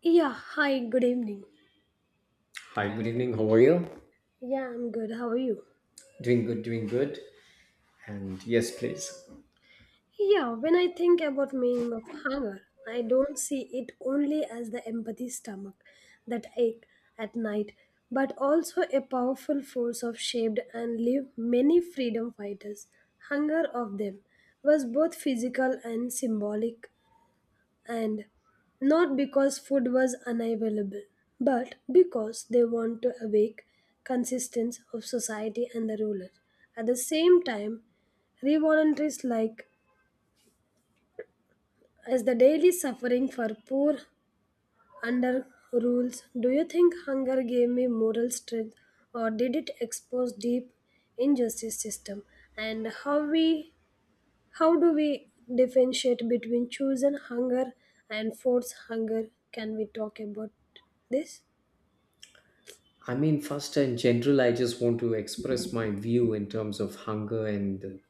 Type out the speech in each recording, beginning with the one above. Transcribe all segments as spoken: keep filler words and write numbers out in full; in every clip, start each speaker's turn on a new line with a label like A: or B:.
A: Yeah, hi, good evening.
B: Hi, good evening. How are you?
A: Yeah, I'm good. How are you?
B: Doing good, doing good. And yes, please.
A: Yeah, when I think about meaning of hunger, I don't see it only as the empathy stomach that ache at night, but also a powerful force of shaped and lived many freedom fighters. Hunger of them was both physical and symbolic and not because food was unavailable, but because they want to awake consistence of society and the ruler. At the same time, revoluntaries like as the daily suffering for poor under rules. Do you think hunger gave me moral strength or did it expose deep injustice system and how we How do we differentiate between chosen hunger and forced hunger? Can we talk about this?
B: I mean, first in general, I just want to express my view in terms of hunger and the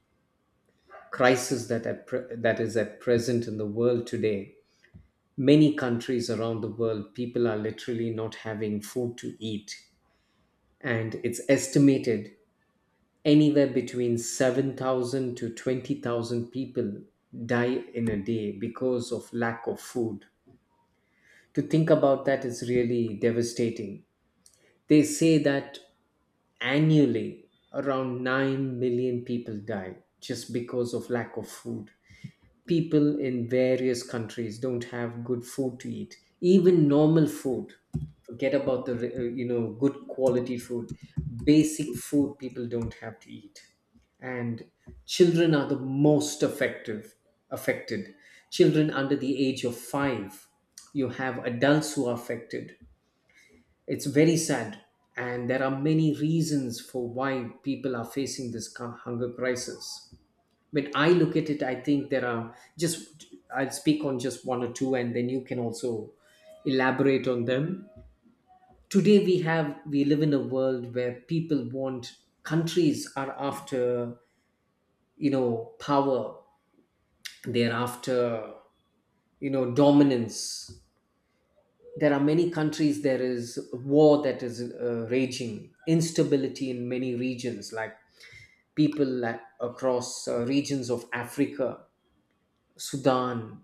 B: crisis that at pre- that is at present in the world today. Many countries around the world, people are literally not having food to eat, and it's estimated anywhere between seven thousand to twenty thousand people die in a day because of lack of food to think about that is really devastating. They say that annually around nine million people die just because of lack of food. People in various countries don't have good food to eat, even normal food. Forget about the uh, you know good quality food. Basic food people don't have to eat. And children are the most effective affected. Children under the age of five, you have adults who are affected. It's very sad, and there are many reasons for why people are facing this cu- hunger crisis. When I look at it, I think there are just, I'll speak on just one or two, and then you can also elaborate on them. Today, we have, we live in a world where people want, countries are after, you know, power, they're after, you know, dominance. There are many countries, there is war that is uh, raging, instability in many regions. Like people a- across uh, regions of Africa, Sudan,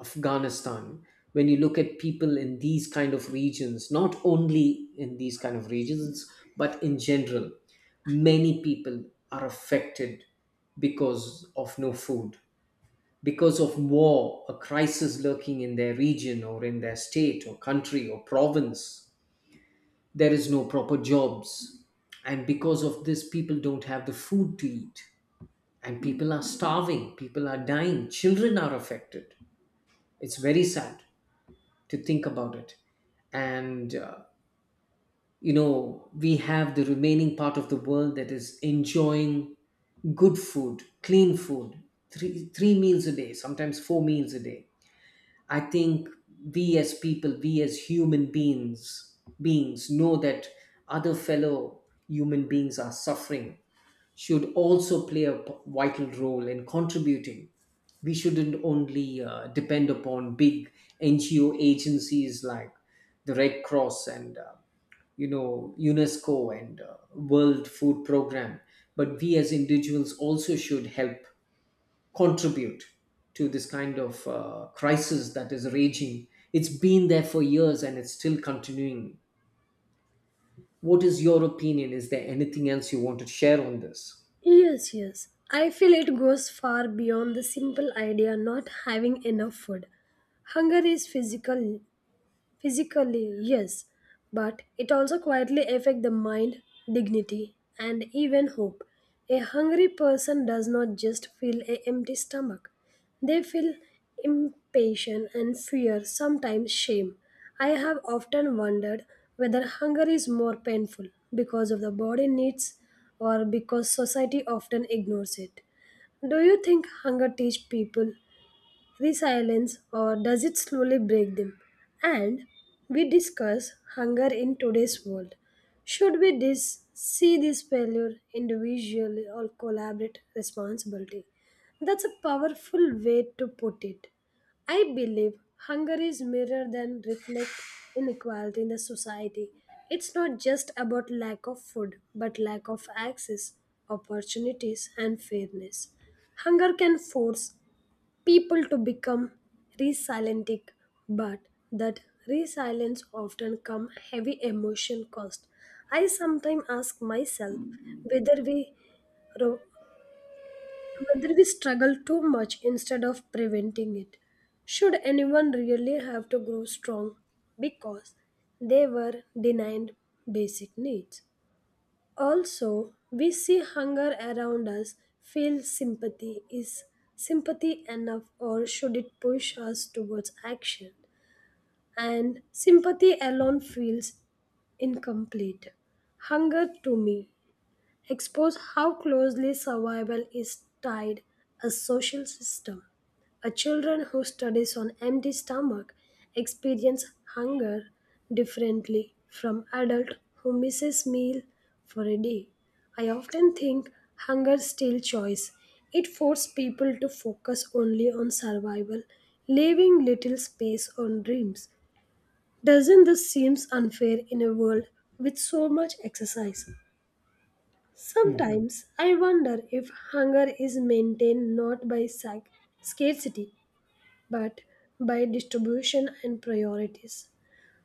B: Afghanistan. When you look at people in these kind of regions, not only in these kind of regions but in general, many people are affected because of no food, because of war, a crisis lurking in their region or in their state or country or province. There is no proper jobs, and because of this people don't have the food to eat, and people are starving, people are dying, children are affected. It's very sad to think about it. And uh, you know, we have the remaining part of the world that is enjoying good food, clean food, three three meals a day, sometimes four meals a day. I think we as people, we as human beings, beings know that other fellow human beings are suffering, should also play a p- vital role in contributing. We shouldn't only uh, depend upon big N G O agencies like the Red Cross and uh, you know, UNESCO and uh, World Food Program, but we as individuals also should help contribute to this kind of uh, crisis that is raging. It's been there for years and it's still continuing. What is your opinion? Is there anything else you want to share on this?
A: Yes, yes. I feel it goes far beyond the simple idea not having enough food. Hunger is physical, Physically, yes, but it also quietly affects the mind, dignity, and even hope. A hungry person does not just feel an empty stomach. They feel impatience and fear, sometimes shame. I have often wondered whether hunger is more painful because of the body needs or because society often ignores it. Do you think hunger teaches people resilience or does it slowly break them? And we discuss hunger in today's world. Should we dis- see this failure individually or collaborate responsibility? That's a powerful way to put it. I believe hunger is mirror than reflect inequality in the society. It's not just about lack of food, but lack of access, opportunities, and fairness. Hunger can force people to become resilient, but that resilience often come heavy emotion cost. I sometimes ask myself whether we ro- whether we struggle too much instead of preventing it. Should anyone really have to grow strong because they were denied basic needs? Also, we see hunger around us, feel sympathy. Is sympathy enough or should it push us towards action? And sympathy alone feels incomplete. Hunger to me expose how closely survival is tied a social system. A children who studies on empty stomach experience hunger differently from adult who misses meal for a day. I often think hunger steals choice. It forces people to focus only on survival, leaving little space on dreams. Doesn't this seem unfair in a world with so much exercise?
B: Hmm.
A: Sometimes I wonder if hunger is maintained not by sac- scarcity, but by distribution and priorities.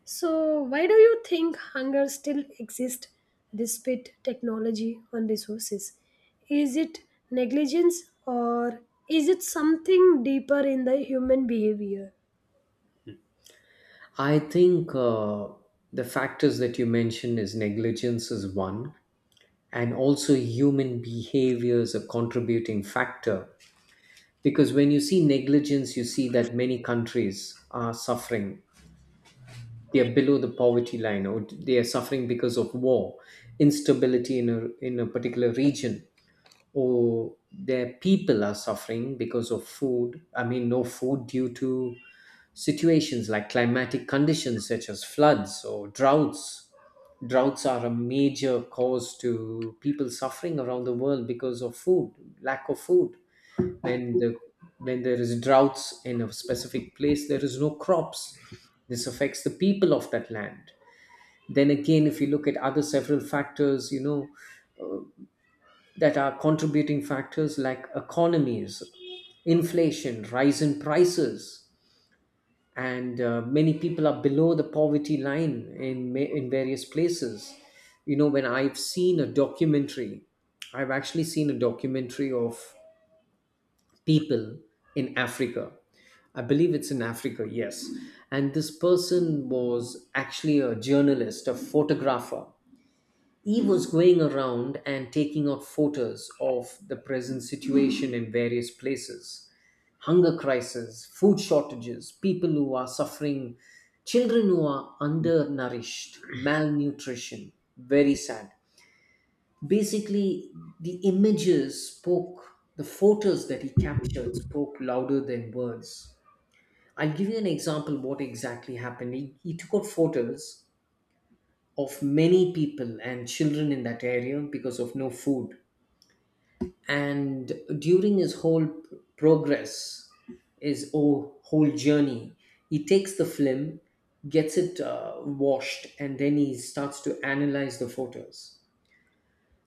A: So, why do you think hunger still exists despite technology and resources? Is it negligence or is it something deeper in the human behavior?
B: I think uh, the factors that you mentioned, is negligence is one, and also human behavior is a contributing factor. Because when you see negligence, you see that many countries are suffering. They are below the poverty line, or they are suffering because of war, instability in a, in a particular region, or their people are suffering because of food, I mean no food, due to situations like climatic conditions such as floods or droughts. Droughts are a major cause to people suffering around the world because of food, lack of food. when the when there is droughts in a specific place, there is no crops. This affects the people of that land. Then again, if you look at other several factors, you know, uh, that are contributing factors like economies, inflation, rise in prices. And uh, many people are below the poverty line in ma- in various places. You know, when I've seen a documentary I've actually seen a documentary of people in Africa. I believe it's in Africa, yes. And this person was actually a journalist, a photographer. He was going around and taking out photos of the present situation in various places: hunger crisis, food shortages, people who are suffering, children who are undernourished, malnutrition. Very sad. Basically, the images spoke, the photos that he captured spoke louder than words. I'll give you an example what exactly happened. He, he took out photos of many people and children in that area because of no food. And during his whole p- progress, his o- whole journey, he takes the film, gets it uh, washed, and then he starts to analyze the photos.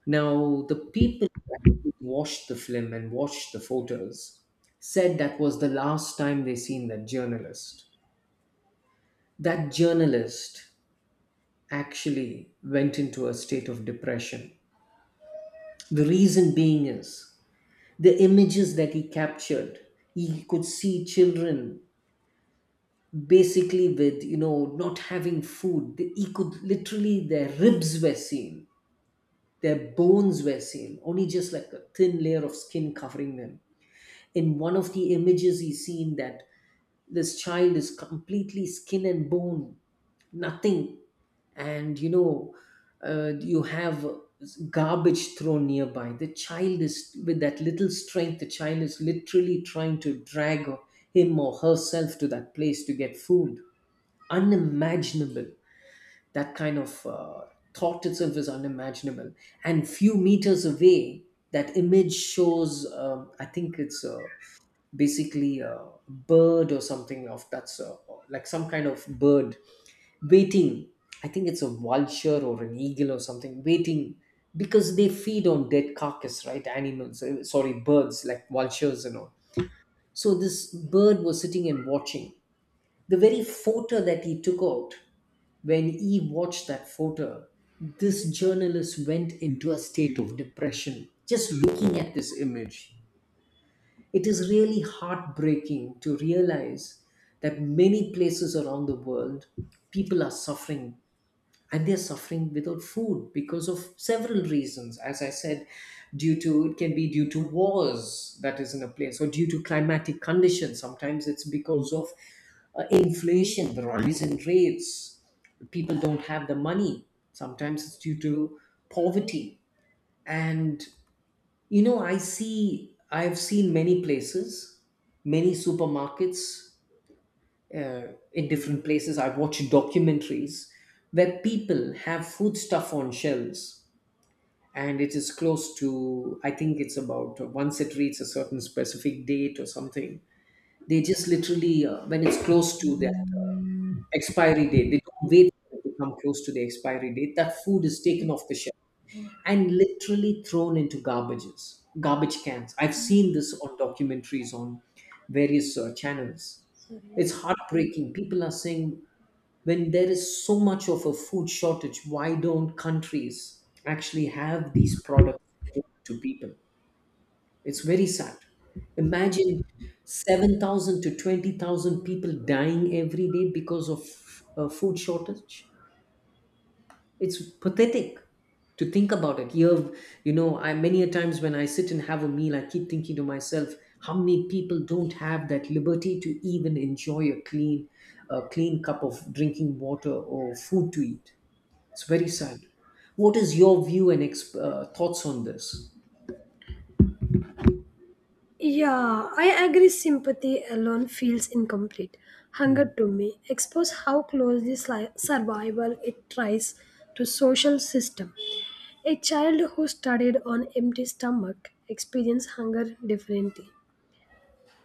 B: Now, the people who actually watched the film and watched the photos said that was the last time they seen that journalist. That journalist actually went into a state of depression. The reason being is the images that he captured, he could see children basically with, you know, not having food. He could literally, their ribs were seen, their bones were seen, only just like a thin layer of skin covering them. In one of the images, he's seen that this child is completely skin and bone, nothing. And you know, uh, you have garbage thrown nearby, the child is with that little strength, the child is literally trying to drag him or herself to that place to get food. Unimaginable. That kind of uh, thought itself is unimaginable. And few meters away, that image shows um, I think it's a, basically a bird or something of that's uh, like some kind of bird waiting. I think it's a vulture or an eagle or something waiting, because they feed on dead carcass, right, animals, uh, sorry, birds like vultures and all. So this bird was sitting and watching. The very photo that he took out, when he watched that photo, this journalist went into a state of depression just looking at this image. It is really heartbreaking to realize that many places around the world, people are suffering and they're suffering without food because of several reasons. As I said, due to it can be due to wars that is in a place, or due to climatic conditions. Sometimes it's because of uh, inflation, the rise in rates. People don't have the money. Sometimes it's due to poverty. And you know, I see, I've seen many places, many supermarkets uh, in different places. I've watched documentaries where people have food stuff on shelves, and it is close to, I think it's about uh, once it reaches a certain specific date or something, they just literally, uh, when it's close to that uh, expiry date, they don't wait for it to come close to the expiry date. That food is taken off the shelf and literally thrown into garbages, garbage cans. I've seen this on documentaries on various uh, channels.
A: Sorry.
B: It's heartbreaking. People are saying, when there is so much of a food shortage, why don't countries actually have these products to people? It's very sad. Imagine seven thousand to twenty thousand people dying every day because of a food shortage. It's pathetic to think about it. You have, you know, I many a times when I sit and have a meal, I keep thinking to myself, how many people don't have that liberty to even enjoy a clean, a clean cup of drinking water or food to eat. It's very sad. What is your view and exp- uh, thoughts on this?
A: Yeah, I agree. Sympathy alone feels incomplete. Hunger
B: Mm.
A: to me expose how closely sli- survival it tries to social system. A child who studied on empty stomach experienced hunger differently.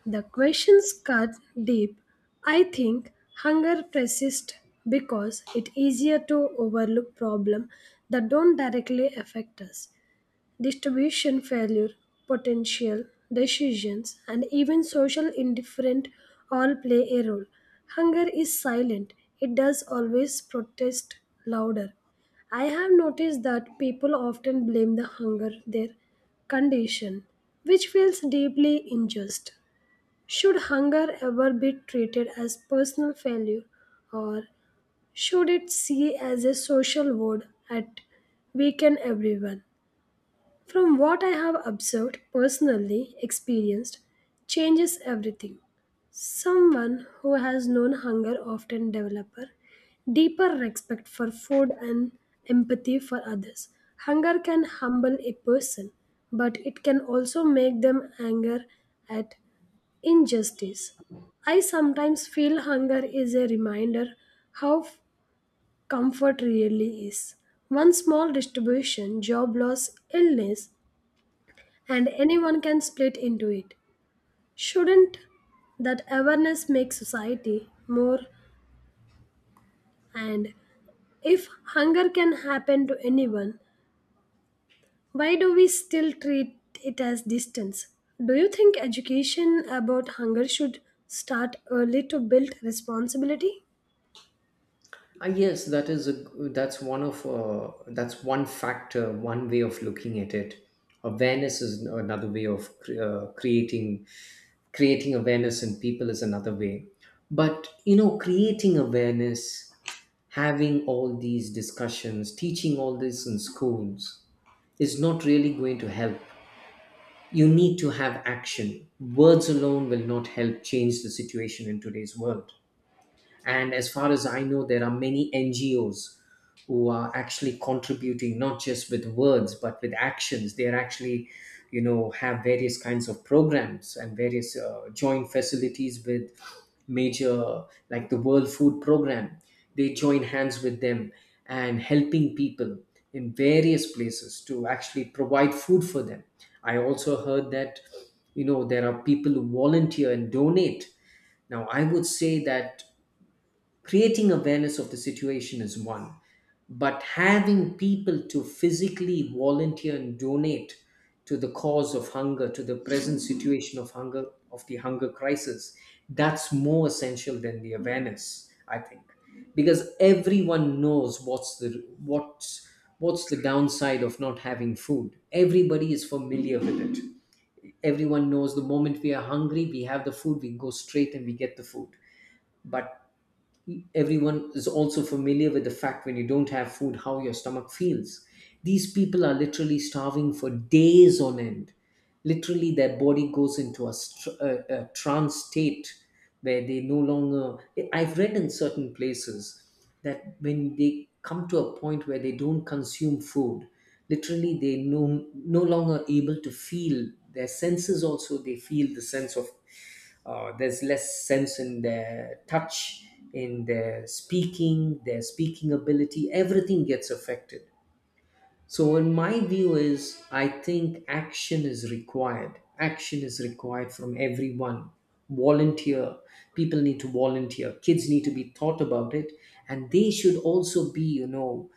A: The questions cut deep. I think hunger persists because it's easier to overlook problem that don't directly affect us. Distribution failure, potential decisions, and even social indifference all play a role. Hunger is silent, it does always protest louder. I have noticed that people often blame the hunger their condition, which feels deeply unjust. Should hunger ever be treated as personal failure or should it see as a social woe at weaken everyone? From what I have observed, personally experienced, changes everything. Someone who has known hunger often develops deeper respect for food and empathy for others. Hunger can humble a person, but it can also make them anger at injustice. I sometimes feel hunger is a reminder how f- comfort really is. One small distribution, job loss, illness, and anyone can split into it. Shouldn't that awareness make society more? And if hunger can happen to anyone, why do we still treat it as distance? Do you think education about hunger should start early to build responsibility?
B: Ah, yes, that is a, that's one of uh, that's one factor, one way of looking at it. Awareness is another way of cre- uh, creating creating awareness in people is another way. But you know, creating awareness, having all these discussions, teaching all this in schools is not really going to help. You need to have action. Words alone will not help change the situation in today's world. And as far as I know, there are many N G Os who are actually contributing, not just with words but with actions. They are actually, you know, have various kinds of programs and various uh, joint facilities with major like the World Food Program. They join hands with them and helping people in various places to actually provide food for them. I also heard that you know, there are people who volunteer and donate. Now I would say that creating awareness of the situation is one, but having people to physically volunteer and donate to the cause of hunger, to the present situation of hunger, of the hunger crisis, that's more essential than the awareness, I think. Because everyone knows what's the what's what's the downside of not having food, everybody is familiar with it. Everyone knows, the moment we are hungry, we have the food, we go straight and we get the food. But everyone is also familiar with the fact, when you don't have food, how your stomach feels. These people are literally starving for days on end, literally their body goes into a, str- a, a trance state where they no longer, I've read in certain places that when they come to a point where they don't consume food, literally they no no longer able to feel their senses. Also they feel the sense of uh, there's less sense in their touch, in their speaking their speaking ability, everything gets affected. So, in my view, is I think action is required. Action is required from everyone. Volunteer. People need to volunteer. Kids need to be taught about it, and they should also be, you know,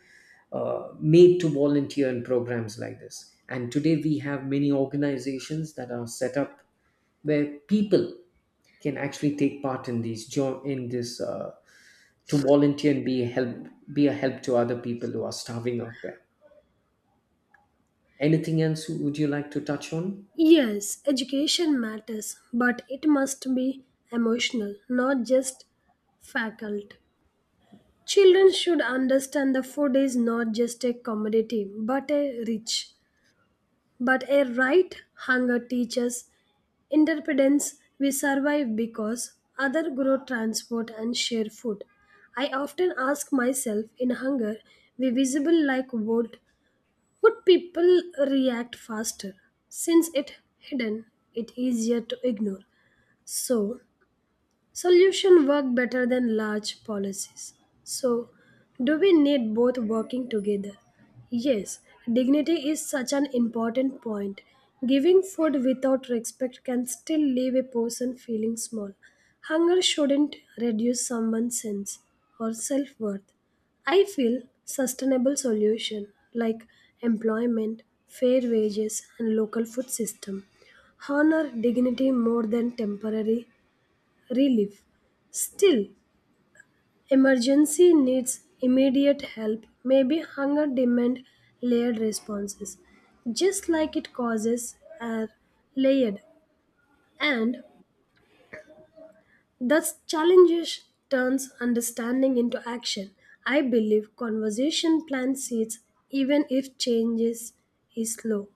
B: uh, made to volunteer in programs like this. And today we have many organizations that are set up where people can actually take part in these join in this uh, to volunteer and be help be a help to other people who are starving out there. Anything else would you like to touch on?
A: Yes, education matters, but it must be emotional, not just faculty. Children should understand that food is not just a commodity but a rich, but a right. Hunger teaches independence. We survive because other grow transport and share food. I often ask myself in hunger, we visible like wood, would people react faster? Since it hidden, it easier to ignore. So Solutions work better than large policies. So, do we need both working together? Yes, dignity is such an important point. Giving food without respect can still leave a person feeling small. Hunger shouldn't reduce someone's sense or self worth. I feel sustainable solution like employment, fair wages, and local food system honor dignity more than temporary relief. Still, emergency needs immediate help, maybe hunger demand layered responses, just like it causes are layered. And thus, challenges turns understanding into action. I believe conversation plants seeds even if changes is slow.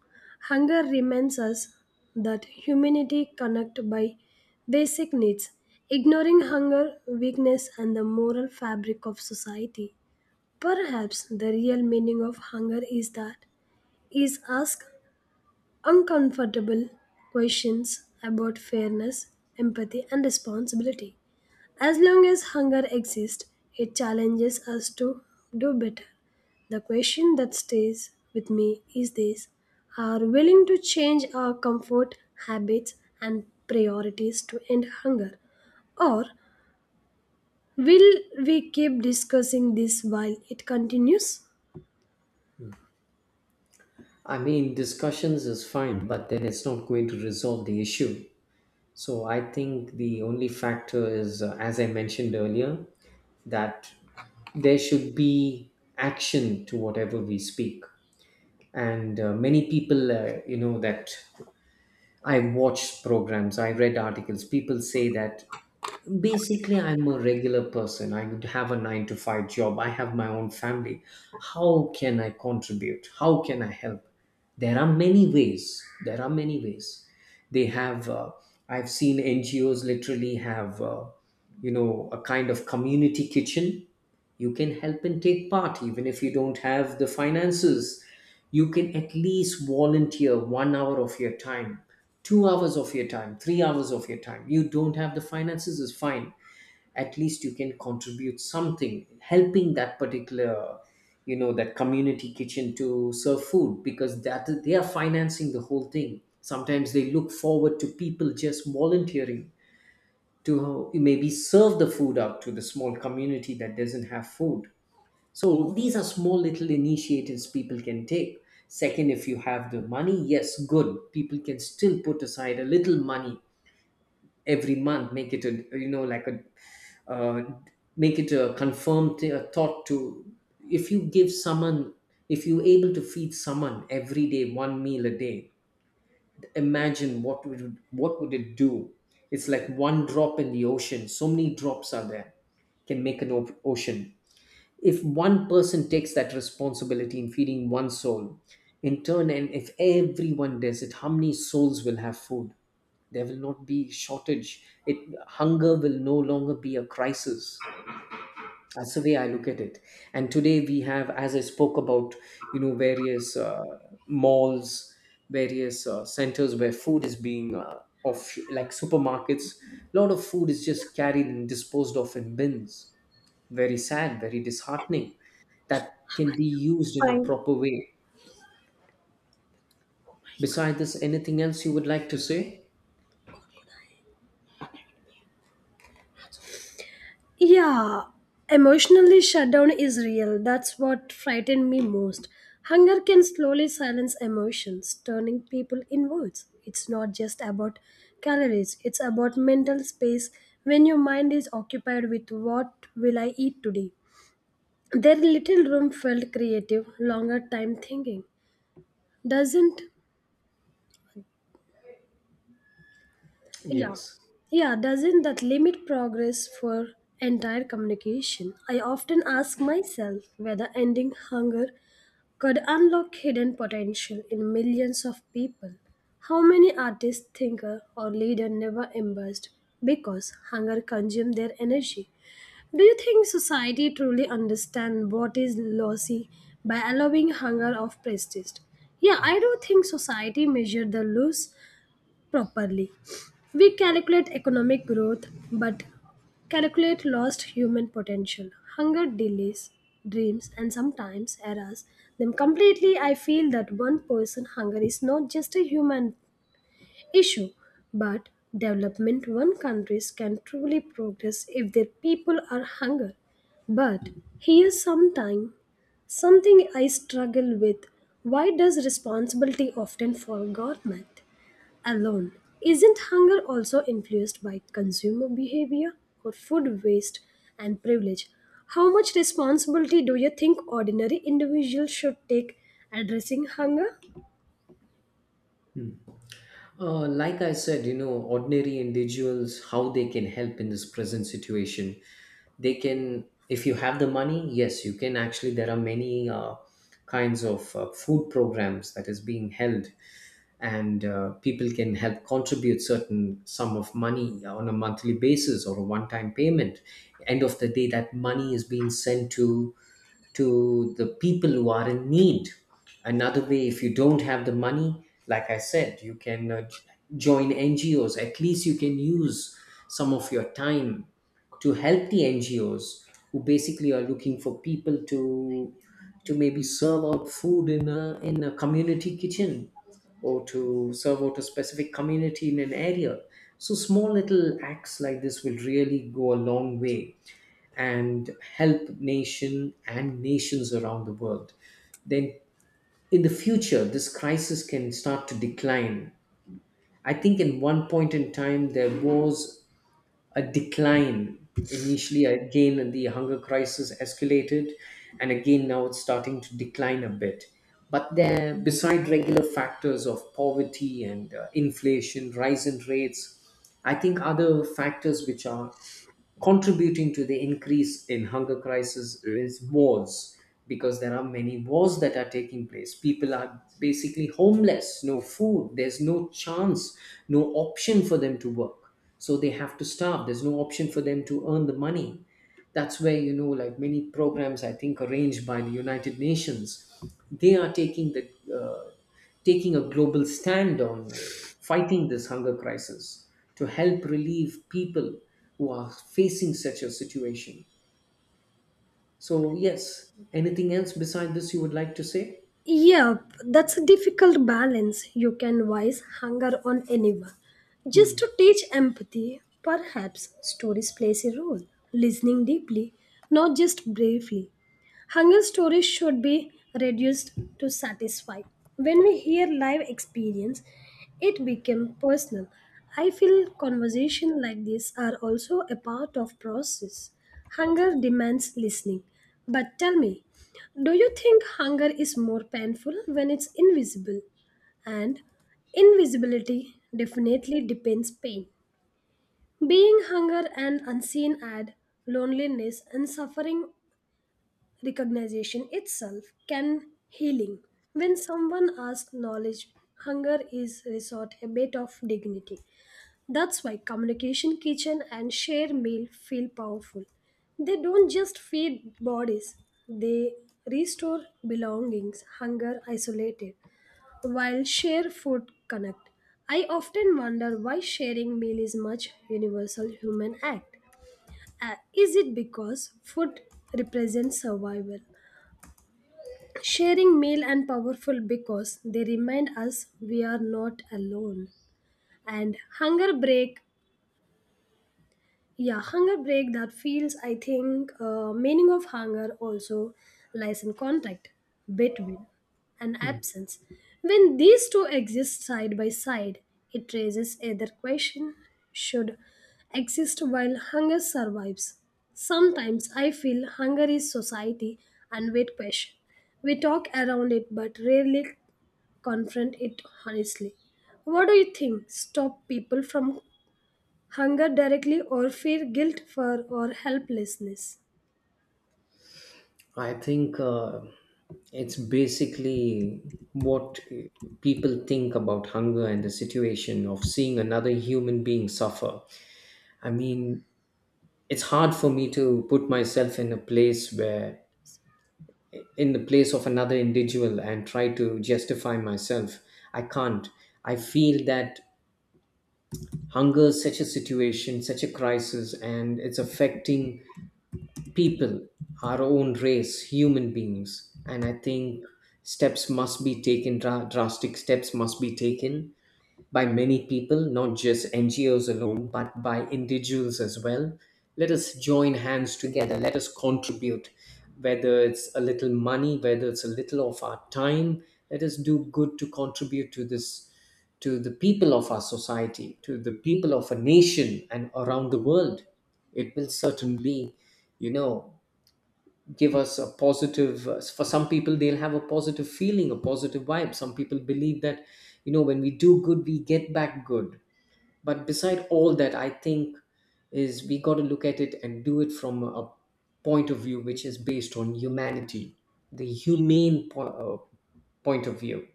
A: Hunger reminds us that humanity connect by basic needs, ignoring hunger, weakness, and the moral fabric of society. Perhaps the real meaning of hunger is that is ask uncomfortable questions about fairness, empathy, and responsibility. As long as hunger exists, it challenges us to do better. The question that stays with me is this: Are willing to change our comfort, habits, and priorities to end hunger? Or will we keep discussing this while it continues?
B: I mean, discussions is fine, but then it's not going to resolve the issue. So I think the only factor is, uh, as I mentioned earlier, that there should be action to whatever we speak. And uh, many people, uh, you know, that I watched programs, I read articles, people say that basically, I'm a regular person. I would have a nine to five job. I have my own family. How can I contribute? How can I help? There are many ways. There are many ways. They have, uh, I've seen N G Os literally have, uh, you know, a kind of community kitchen. You can help and take part, even if you don't have the finances. You can at least volunteer one hour of your time, two hours of your time, three hours of your time. You don't have the finances, is fine. At least you can contribute something, helping that particular, you know, that community kitchen to serve food because that they are financing the whole thing. Sometimes they look forward to people just volunteering to maybe serve the food out to the small community that doesn't have food. So these are small little initiatives people can take. Second, if you have the money, yes, good. People can still put aside a little money every month, make it a you know like a uh, make it a confirmed thi- a thought to, if you give someone, if you're able to feed someone every day, one meal a day, imagine what would, what would it do? It's like one drop in the ocean. So many drops are there, can make an op- ocean. If one person takes that responsibility in feeding one soul in turn, and if everyone does it, how many souls will have food? There will not be shortage. It Hunger will no longer be a crisis. That's the way I look at it. And today we have, as I spoke about, you know, various uh, malls, various uh, centers where food is being uh, off, like supermarkets. A lot of food is just carried and disposed of in bins. Very sad, very disheartening. That can be used in a
A: Fine.
B: proper way. Besides this, anything else you would like to say?
A: Yeah, emotionally shutdown is real. That's what frightened me most. Hunger can slowly silence emotions, turning people inwards. It's not just about calories, it's about mental space when your mind is occupied with what will I eat today. Their little room felt creative, longer time thinking. Doesn't Yeah.
B: Yes.
A: Yeah, doesn't that limit progress for entire communication? I often ask myself whether ending hunger could unlock hidden potential in millions of people. How many artists, thinker, or leader never embraced because hunger consumed their energy? Do you think society truly understands what is lossy by allowing hunger of prestige? Yeah, I do think society measured the loss properly. We calculate economic growth but calculate lost human potential. Hunger delays dreams and sometimes errors them completely. I feel that one person hunger is not just a human issue, but development one countries can truly progress if their people are hunger. But here sometime, something I struggle with, why does responsibility often fall government alone? Isn't hunger also influenced by consumer behavior or food waste and privilege? How much responsibility do you think ordinary individuals should take addressing hunger?
B: Uh, like I said, you know, ordinary individuals, how they can help in this present situation. They can, if you have the money, yes, you can actually. There are many uh, kinds of uh, food programs that is being held, and uh, people can help contribute certain sum of money on a monthly basis or a one-time payment. End of the day, that money is being sent to to the people who are in need. Another way, if you don't have the money, like I said, you can uh, join N G Os. At least you can use some of your time to help the N G Os, who basically are looking for people to to maybe serve out food in a, in a community kitchen, or to serve out a specific community in an area. So small little acts like this will really go a long way and help nation and nations around the world. Then in the future this crisis can start to decline. I think in one point in time there was a decline, initially, again the hunger crisis escalated, and again now it's starting to decline a bit. But there beside regular factors of poverty and uh, inflation rise in rates, I think other factors which are contributing to the increase in hunger crisis is wars, because there are many wars that are taking place. People are basically homeless, no food, there's no chance, no option for them to work, so they have to starve. There's no option for them to earn the money. That's where, you know like many programs I think arranged by the United Nations, they are taking the uh, taking a global stand on, uh, fighting this hunger crisis to help relieve people who are facing such a situation. So yes, anything else beside this you would like to say?
A: Yep, that's a difficult balance. You can voice hunger on anyone. Just
B: Hmm.
A: to teach empathy, perhaps stories plays a role. Listening deeply, not just briefly. Hunger stories should be reduced to satisfy. When we hear live experience, it became personal. I feel conversation like this are also a part of process. Hunger demands listening. But tell me, do you think hunger is more painful when it's invisible? And invisibility definitely depends pain. Being hunger and unseen add loneliness and suffering. Recognition itself can healing. When someone asks knowledge, hunger is resort a bit of dignity. That's why communication kitchen and share meal feel powerful. They don't just feed bodies, they restore belongings, hunger isolated, while share food connect. I often wonder why sharing meal is much universal human act. Uh, is it because food represents survival? Sharing meal and powerful because they remind us we are not alone. And hunger break yeah hunger break that feels, I think, uh, meaning of hunger also lies in contact between and absence. When these two exist side by side, it raises either question: should exist while hunger survives? Sometimes I feel hunger is society and weight question. We talk around it but rarely confront it honestly. What do you think stop people from hunger directly, or fear, guilt for, or helplessness?
B: I think uh, it's basically what, uh, people think about hunger and the situation of seeing another human being suffer. I mean, it's hard for me to put myself in a place where, in the place of another individual, and try to justify myself. I can't. I feel that hunger is such a situation, such a crisis, and it's affecting people, our own race, human beings. And I think steps must be taken, dra- drastic steps must be taken by many people, not just N G Os alone, but by individuals as well. Let us join hands together. Let us contribute, whether it's a little money, whether it's a little of our time. Let us do good to contribute to this, to the people of our society, to the people of a nation and around the world. It will certainly, you know, give us a positive, uh, for some people they'll have a positive feeling, a positive vibe. Some people believe that, you know when we do good we get back good. But beside all that I think, is we got to look at it and do it from a point of view which is based on humanity, the humane po- uh, point of view.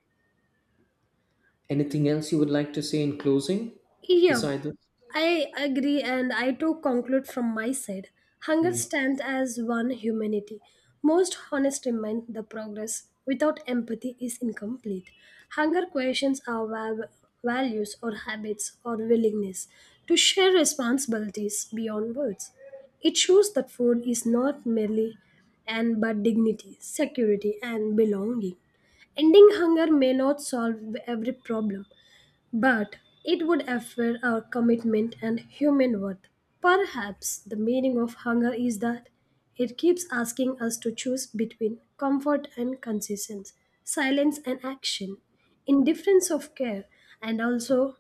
B: Anything else you would like to say in closing
A: Yeah,
B: beside this?
A: I agree, and I too conclude from my side. Hunger
B: Hmm.
A: stands as one humanity. Most honest remind the progress without empathy is incomplete. Hunger questions our va- values or habits or willingness to share responsibilities beyond words. It shows that food is not merely and but dignity, security, and belonging. Ending hunger may not solve every problem, but it would affect our commitment and human worth. Perhaps the meaning of hunger is that it keeps asking us to choose between comfort and consistency, silence and action, indifference of care, and also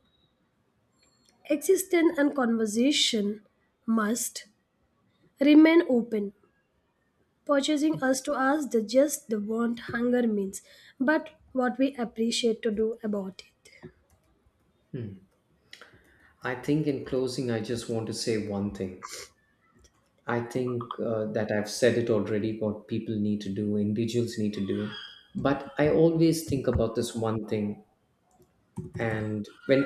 A: existence and conversation must remain open, purchasing us to ask the just the want hunger means, but what we appreciate to do about it.
B: Hmm. I think in closing I just want to say one thing. I think uh, that I've said it already, what people need to do, individuals need to do. But I always think about this one thing, and when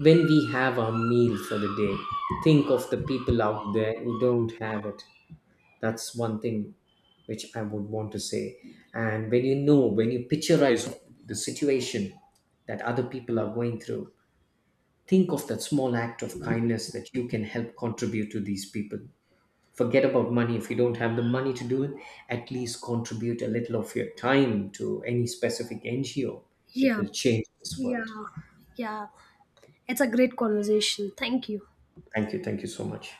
B: when we have our meal for the day, think of the people out there who don't have it. That's one thing which I would want to say. And when, you know, when you picturize the situation that other people are going through, think of that small act of kindness that you can help contribute to these people. Forget about money. If you don't have the money to do it, at least contribute a little of your time to any specific N G O. It
A: Yeah,
B: will change this world.
A: yeah, yeah. It's a great conversation. Thank you.
B: Thank you, thank you so much.